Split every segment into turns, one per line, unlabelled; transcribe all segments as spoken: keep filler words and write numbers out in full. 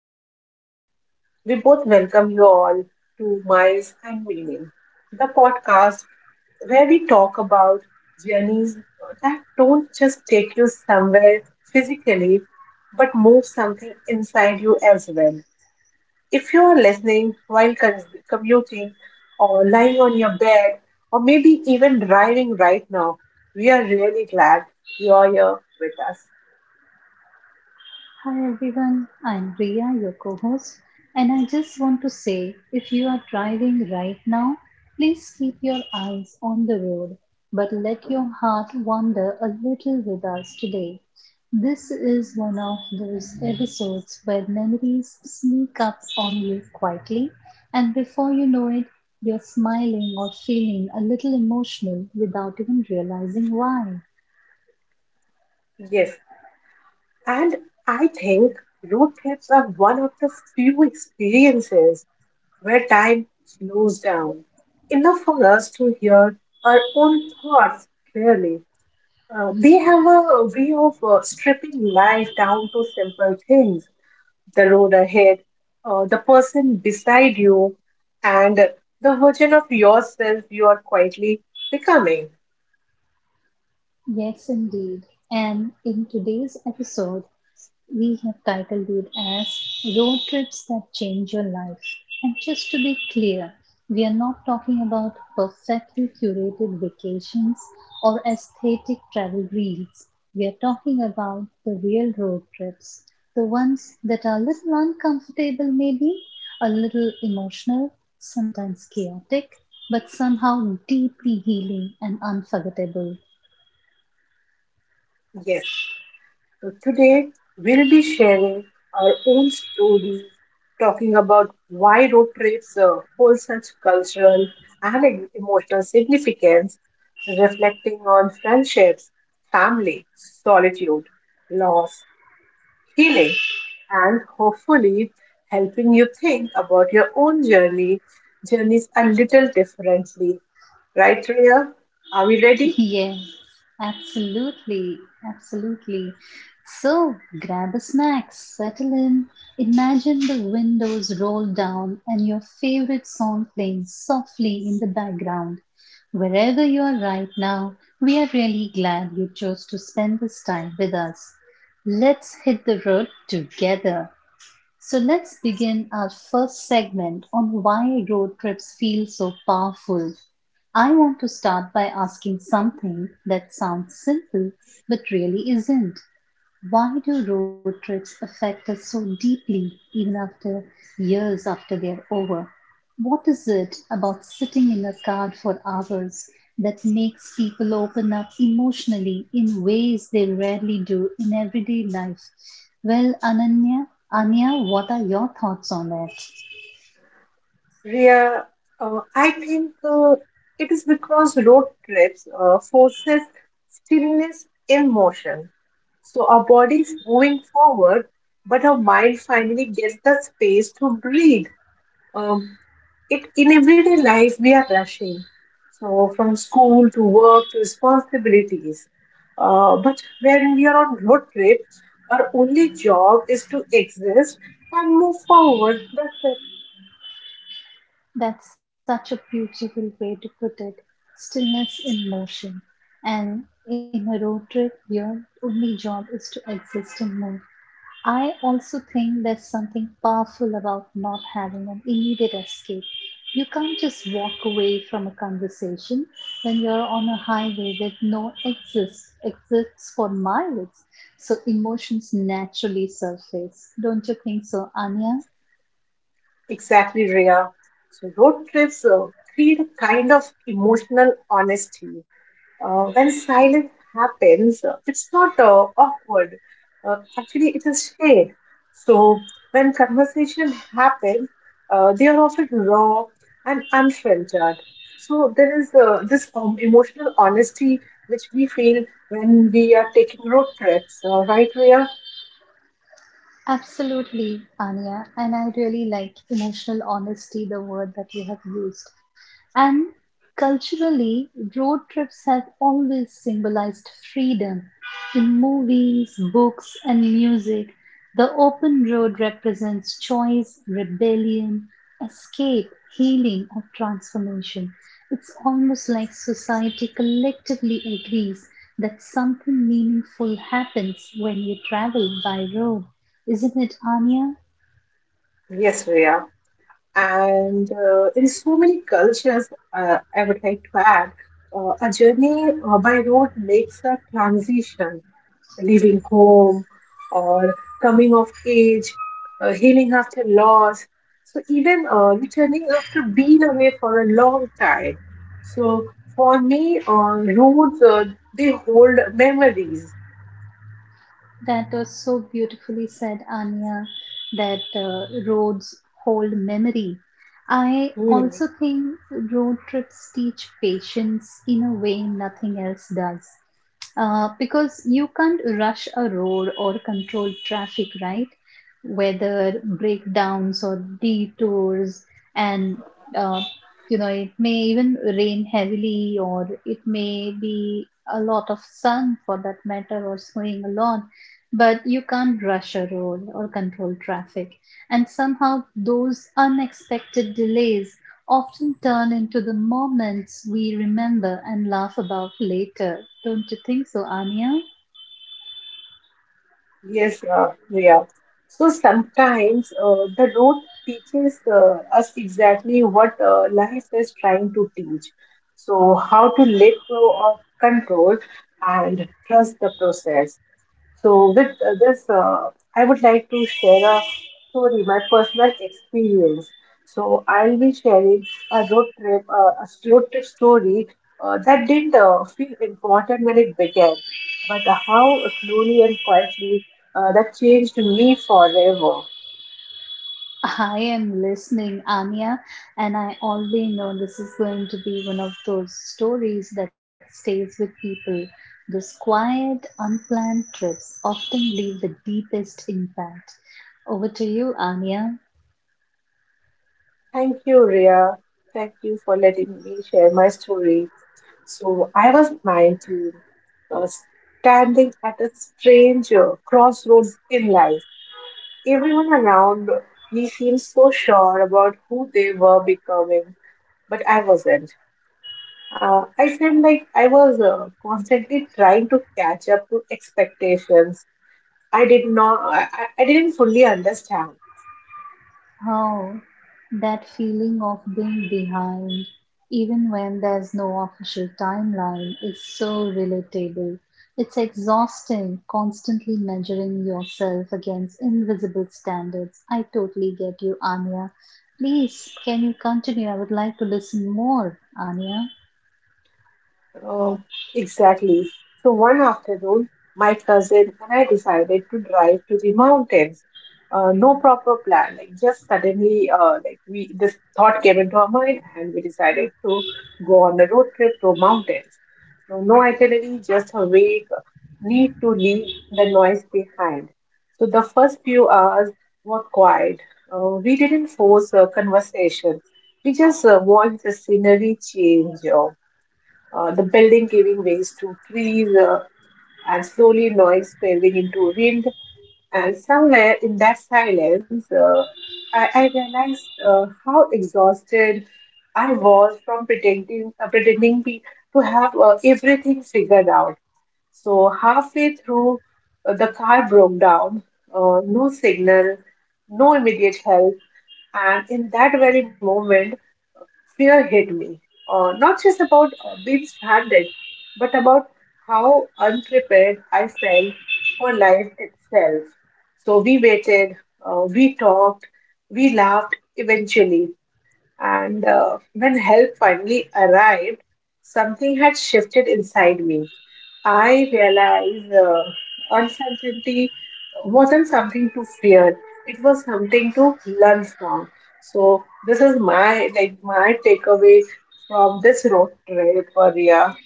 your co host. We both welcome you all to Miles and Meaning, the podcast where we talk about journeys that don't just take you somewhere physically, but move something inside you as well. If you are listening while con- commuting or lying on your bed or maybe even driving right now, we are really glad you are here with us.
Hi everyone, I'm Priya, your co host, and I just want to say if you are driving right now, please keep your eyes on the road, but let your heart wander a little with us today. This is one of those episodes where memories sneak up on you quietly, and before you know it, you're smiling or feeling a little emotional without even realizing why.
Yes, and I think road trips are one of the few experiences where time slows down enough for us to hear our own thoughts clearly. Uh, they have a way of uh, stripping life down to simple things the road ahead, uh, the person beside you, and the version of yourself you are quietly becoming.
Yes, indeed. And in today's episode, we have titled it as Road Trips That Change Your Life. And just to be clear, we are not talking about perfectly curated vacations or aesthetic travel reels. We are talking about the real road trips, the ones that are a little uncomfortable, maybe, a little emotional, sometimes chaotic, but somehow deeply healing and unforgettable.
Yes, so today we'll be sharing our own stories, talking about why road trips uh, hold such cultural and em- emotional significance, reflecting on friendships, family, solitude, loss, healing, and hopefully helping you think about your own journey journeys a little differently. Right, Ria? Are we ready?
Yes, absolutely, absolutely. So grab a snack, settle in, imagine the windows rolled down and your favorite song playing softly in the background. Wherever you are right now, we are really glad you chose to spend this time with us. Let's hit the road together. So let's begin our first segment on why road trips feel so powerful. I want to start by asking something that sounds simple but really isn't. Why do road trips affect us so deeply even after years after they're over? What is it about sitting in a car for hours that makes people open up emotionally in ways they rarely do in everyday life? Well, Ananya,
Mhm.
Anya, what are your thoughts on that?
Ria, uh, I think uh, it is because road trips uh, forces stillness in motion. So our body's moving forward, but our mind finally gets the space to breathe. Um, it in everyday life we are rushing so from school to work to responsibilities uh, but when we are on road trip our only job is to exist and move forward, that's it.
That's such a beautiful way to put it. Stillness in motion. And in a road trip, your only job is to exist and move. I also think there's something powerful about not having an immediate escape. You can't just walk away from a conversation when you're on a highway that no exits exits for miles. So emotions naturally surface. Don't you think so, Anya?
Exactly, Rhea. So road trips uh, create a kind of emotional honesty uh, when silence happens, uh, it's not uh, awkward. Uh, actually, it is shared. So when conversation happens, uh, they are often raw and unfiltered. So there is uh, this um, emotional honesty which we feel when we are taking road trips, uh, right, Rhea?
Absolutely, Anya. And I really like emotional honesty, the word that you have used. And culturally, road trips have always symbolized freedom. In movies, books, and music, the open road represents choice, rebellion, escape, healing, or transformation. It's almost like society collectively agrees that something meaningful happens when you travel by road. Isn't it Anya?
Yes, Rhea. And uh, in so many cultures, uh, I would like to add, uh, a journey uh, by road makes a transition leaving home or coming of age, uh, healing after loss. So even uh, returning after being away for a long time. So for me, uh, roots uh, they hold memories.
That was so beautifully said, Anya, that uh, roads hold memory. I
Hmm.
also think road trips teach patience in a way nothing else does. Uh, because you can't rush a road or control traffic, right? Whether breakdowns or detours, and uh, you know, it may even rain heavily, or it may be a lot of sun for that matter, or snowing a lot but you can't rush a road or control traffic. And somehow, those unexpected delays often turn into the moments we remember and laugh about later. Don't you think so, Anya?
Yes, uh, yeah. So sometimes uh, the road teaches uh, us exactly what uh, life is trying to teach. So how to let go of control and trust the process. So, with uh, this, uh, I would like to share a story, my personal experience. So, I'll be sharing a road trip, uh, a road trip story uh, that didn't uh, feel important when it began, but uh, how slowly and quietly uh, that changed me forever.
I am listening, Anya, and I already know this is going to be one of those stories that stays with people. Those quiet, unplanned trips often leave the deepest impact. Over to you, Anya.
Thank you, Ria. Thank you for letting me share my story. So, I was nineteen, uh, standing at a strange uh, crossroads in life. Everyone around me seemed so sure about who they were becoming, but I wasn't. Uh, I felt like I was uh, constantly trying to catch up to expectations. I did not. I, I I didn't fully understand.
Oh, that feeling of being behind, even when there's no official timeline, is so relatable. It's exhausting, constantly measuring yourself against invisible standards. I totally get you, Anya. Please, can you continue? I would like to listen more, Anya.
Oh, exactly. So one afternoon, my cousin and I decided to drive to the mountains. Uh, no proper plan, like just suddenly, uh, like we this thought came into our mind, and we decided to go on a road trip to mountains. So no itinerary, just awake, need to leave the noise behind. So the first few hours were quiet. Uh, we didn't force a conversation. We just uh, watched the scenery change uh, the building giving ways to trees uh, and slowly noise fading into wind. And somewhere in that silence, uh, I, I realized uh, how exhausted I was from pretending, uh, pretending be, to have uh, everything figured out. So halfway through, uh, the car broke down. Uh, no signal, no immediate help, and in that very moment, fear hit me. Uh, not just about uh, being stranded, but about how unprepared I felt for life itself. So we waited, uh, we talked, we laughed eventually. And uh, when help finally arrived, something had shifted inside me. I realized uh, uncertainty wasn't something to fear. It was something to learn from. So this is my like my takeaway from this road trip, Maria.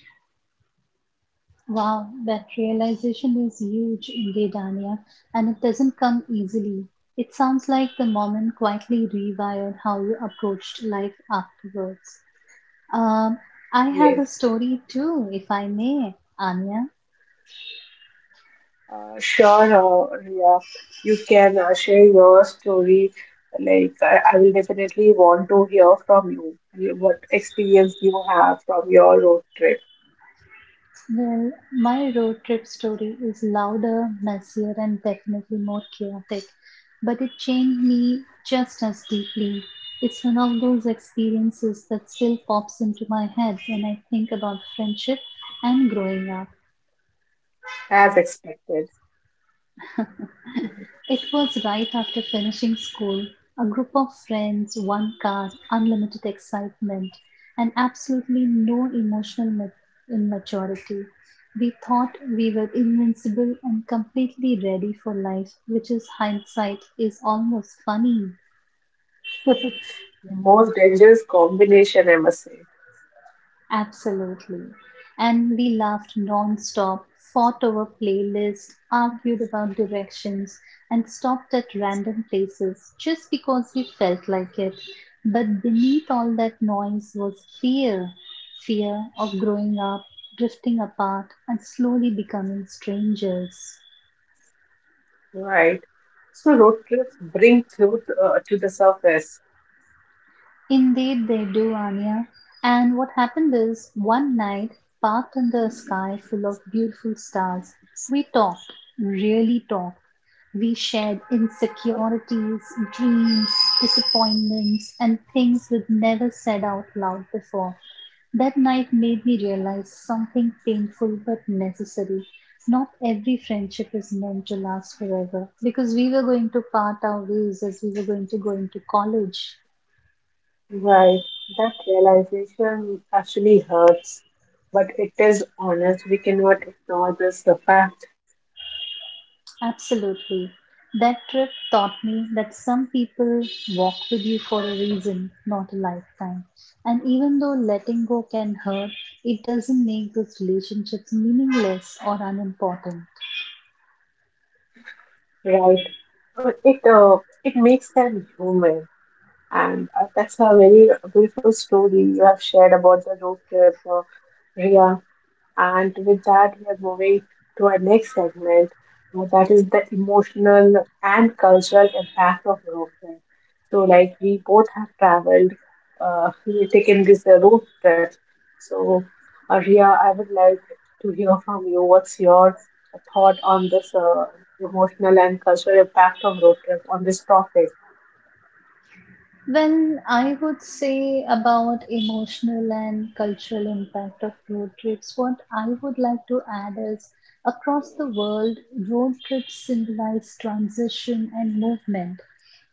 Wow, that realization is huge indeed, Anya, and it doesn't come easily. It sounds like the moment quietly rewired how you approached life afterwards. Um, I have a
Yes.
story too, if I may, Anya.
Uh, sure, uh, Ria, you can uh, share your story. Like, I, I will definitely want to hear from you you- what experience you have from your road trip,
Well, my road trip story is louder, messier, and definitely more chaotic, but it changed me just as deeply. It's one of those experiences that still pops into my head when I think about friendship and growing up.
as expected.
It was right after finishing school. A group of friends, one car, unlimited excitement, and absolutely no emotional ma- immaturity. We thought we were invincible and completely ready for life, which is hindsight is almost funny.
The most dangerous combination, I must say.
Absolutely. And we laughed non-stop, fought over playlists, argued about directions, and stopped at random places just because we felt like it. But beneath all that noise was fear. Fear of growing up, drifting apart, and slowly becoming strangers.
Right. So, road trips bring truth uh, to the surface.
Indeed, they do, Anya. And what happened is, one night, parked under a sky full of beautiful stars, we talked, really talked. We shared insecurities, dreams, disappointments, and things we'd never said out loud before. That night made me realize something painful but necessary. Not every friendship is meant to last forever because we were going to part our ways as we were going to go into college.
Right. That realization actually hurts, but it is honest. We cannot ignore this the fact.
Absolutely. That trip taught me that some people walk with you for a reason, not a lifetime. And even though letting go can hurt, it doesn't make those relationships meaningless or unimportant.
Right. Uh, It uh, it makes them human, and uh, that's a very beautiful story you have shared about the road trip, uh, Ria. And with that, we are moving to our next segment, uh, that is the emotional and cultural impact of road trip. So, like we both have traveled, uh, we taken this uh, road trip. So, Arya, I would like to hear from you. What's your thought on this uh, emotional and cultural impact of road trip on this topic?
Well, I would say about emotional and cultural impact of road trips, what I would like to add is across the world, road trips symbolize transition and movement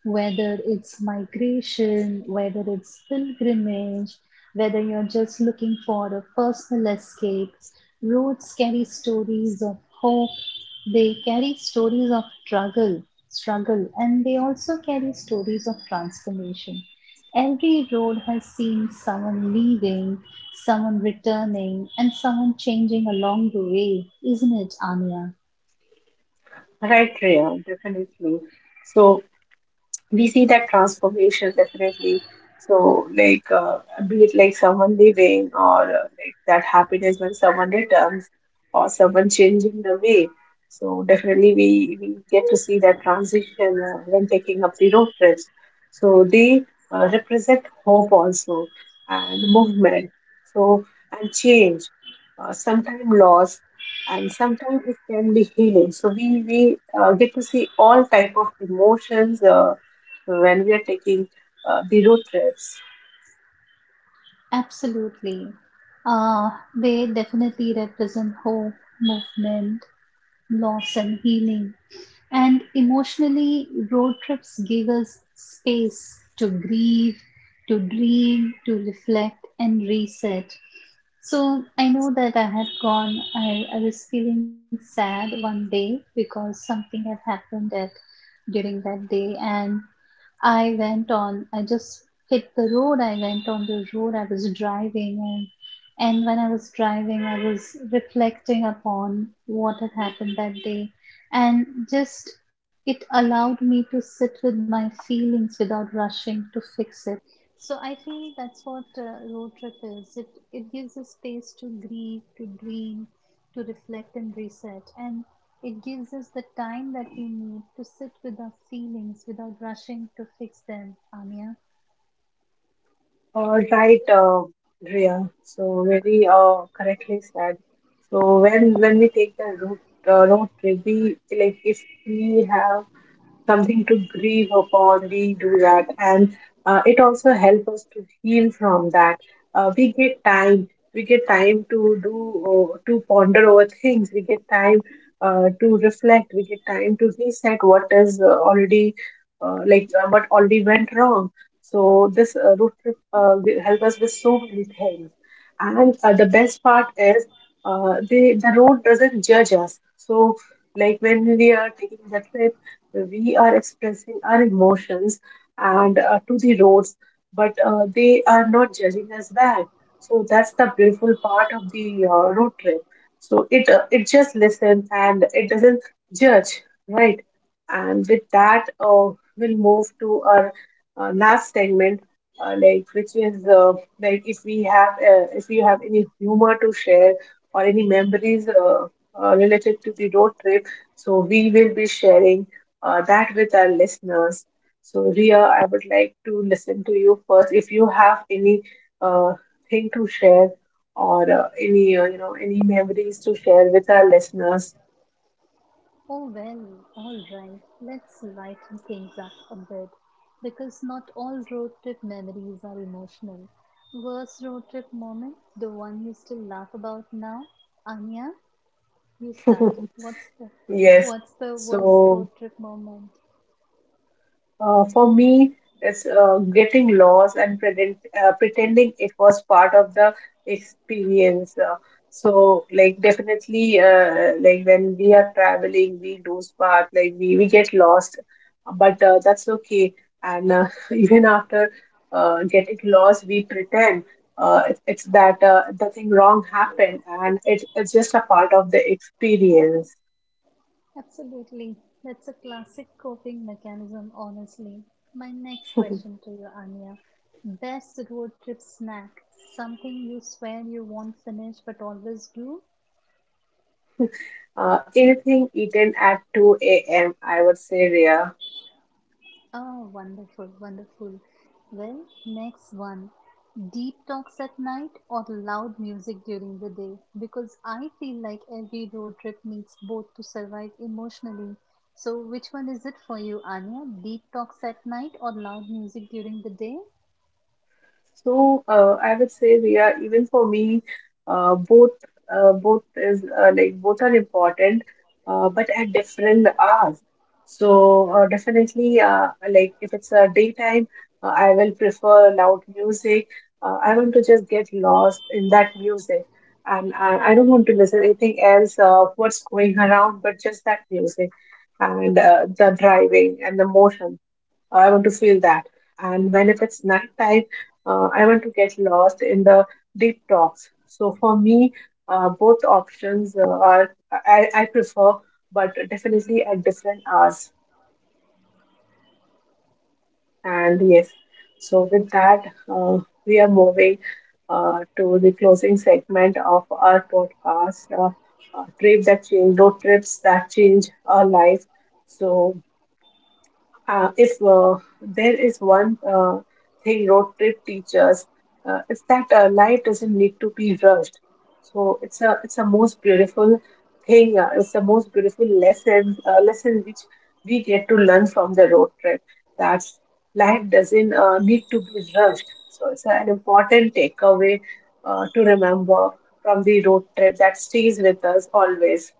whether it's migration, whether it's pilgrimage, whether you're just looking for a personal escape. Roads carry stories of hope, they carry stories of struggle, struggle, and they also carry stories of transformation. Every road has seen someone leaving, someone returning, and someone changing along the way, isn't it, Anya?
Right, Rhea, definitely. So, we see that transformation definitely, so like uh, be it like someone leaving or uh, like that happiness when someone returns or someone changing the way, so definitely we, we get to see that transition uh, when taking up the road trips. So they uh, represent hope also and movement, so and change, uh, sometimes loss, and sometimes it can be healing. So we we uh, get to see all type of emotions uh, when we are taking uh, the road trips.
Absolutely. Uh, they definitely represent hope, movement, loss, and healing. And emotionally, road trips give us space to grieve, to dream, to reflect, and reset. So I know that I had gone, I, I was feeling sad one day because something had happened at, during that day. And I went on. I just hit the road. I went on the road. I was driving, and and when I was driving, I was reflecting upon what had happened that day, and just it allowed me to sit with my feelings without rushing to fix it. So I feel that's what uh, road trip is. It it gives us space to grieve, to dream, to reflect and reset. And it gives us the time that we need to sit with our feelings without rushing to fix them, Anya.
All right, uh, Riya. So very uh, correctly said. So when when we take the road uh, road trip, we like if we have something to grieve upon. We do that, and uh, it also helps us to heal from that. Uh, we get time. We get time to do uh, to ponder over things. We get time uh, to reflect. We get time to reset what is uh, already uh, like uh, what already went wrong. So this uh, road trip uh, will help us with so many things. And uh, the best part is uh, the the road doesn't judge us. So like when we are taking the trip, we are expressing our emotions and uh, to the roads, but uh, they are not judging us back. So that's the beautiful part of the uh, road trip. So it uh, it just listens and it doesn't judge, right? And with that, uh, we'll move to our uh, last segment, uh, like which is uh, like if we have uh, if you have any humor to share or any memories uh, uh, related to the road trip, so we will be sharing uh, that with our listeners. So, Ria, I would like to listen to you first, if you have any uh, thing to share or uh, any uh, you know any memories to share with our listeners.
Oh well, alright, let's lighten things up a bit because not all road trip memories are emotional. Worst road trip moment, the one you still laugh about now? Anya, you start. What's the
Yes.
what's the worst
So.
road trip moment?
Uh, for me, it's uh, getting lost and pretend, uh, pretending it was part of the experience. Uh, so, like, definitely, uh, like, when we are traveling, we lose part, like, we, we get lost, but uh, that's okay. And uh, even after uh, getting lost, we pretend uh, it, it's that uh, nothing wrong happened, and it, it's just a part of the experience.
Absolutely. That's a classic coping mechanism, honestly. My next question to you, Anya. Best road trip snack? Something you swear you won't finish but always do?
Uh, anything eaten at two a m, I would say, Rhea.
Oh, wonderful, wonderful. Well, next one. Deep talks at night or loud music during the day? Because I feel like every road trip needs both to survive emotionally. So, which one is it for you, Anya? Deep talks at night or loud music during the day?
So uh, I would say, Riya, even for me, uh, both uh, both is uh, like both are important, uh, but at different hours. So uh, definitely, uh, like if it's a daytime, uh, I will prefer loud music. Uh, I want to just get lost in that music, and I, I don't want to listen anything else of what's going around, but just that music and uh, the driving and the motion. I want to feel that. And when if it's nighttime, uh, I want to get lost in the deep talks. So for me, uh, both options uh, are I, I prefer, but definitely at different hours. And yes, so with that, uh, we are moving uh, to the closing segment of our podcast. Uh, uh, trip that change, road trips that change our life. So Uh, if uh, there is one uh, thing road trip teaches, uh, it's that uh, life doesn't need to be rushed. So it's a it's a most beautiful thing. Uh, it's the most beautiful lesson uh, lesson which we get to learn from the road trip. That life doesn't uh, need to be rushed. So it's an important takeaway uh, to remember from the road trip that stays with us always.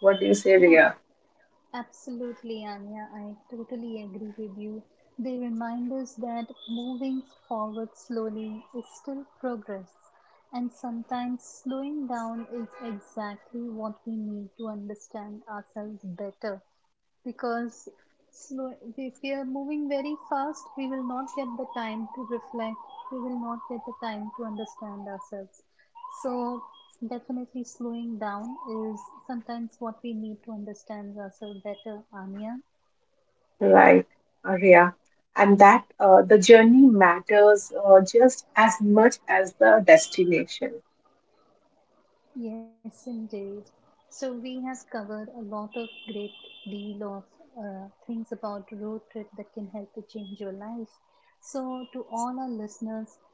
What do you say, Ria?
Absolutely, Anya. I totally agree with you. They remind us that moving forward slowly is still progress, and sometimes slowing down is exactly what we need to understand ourselves better because slow, if we are moving very fast, we will not get the time to reflect, we will not get the time to understand ourselves. So, definitely slowing down is sometimes what we need to understand ourselves better, Anya.
Right, Arya. And that uh, the journey matters uh, just as much as the destination.
Yes, indeed. So we have covered a lot of great deal of uh, things about road trip that can help to change your life. So to all our listeners,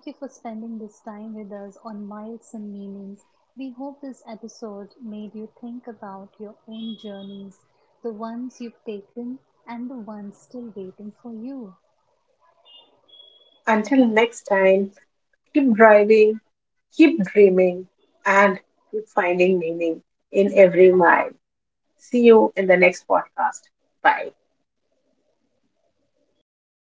thank you for spending this time with us on Miles and Meaning. We hope this episode made you think about your own journeys, the ones you've taken and the ones still waiting for you.
Until next time, keep driving, keep dreaming, and keep finding meaning in every mile. See you in the next podcast. Bye.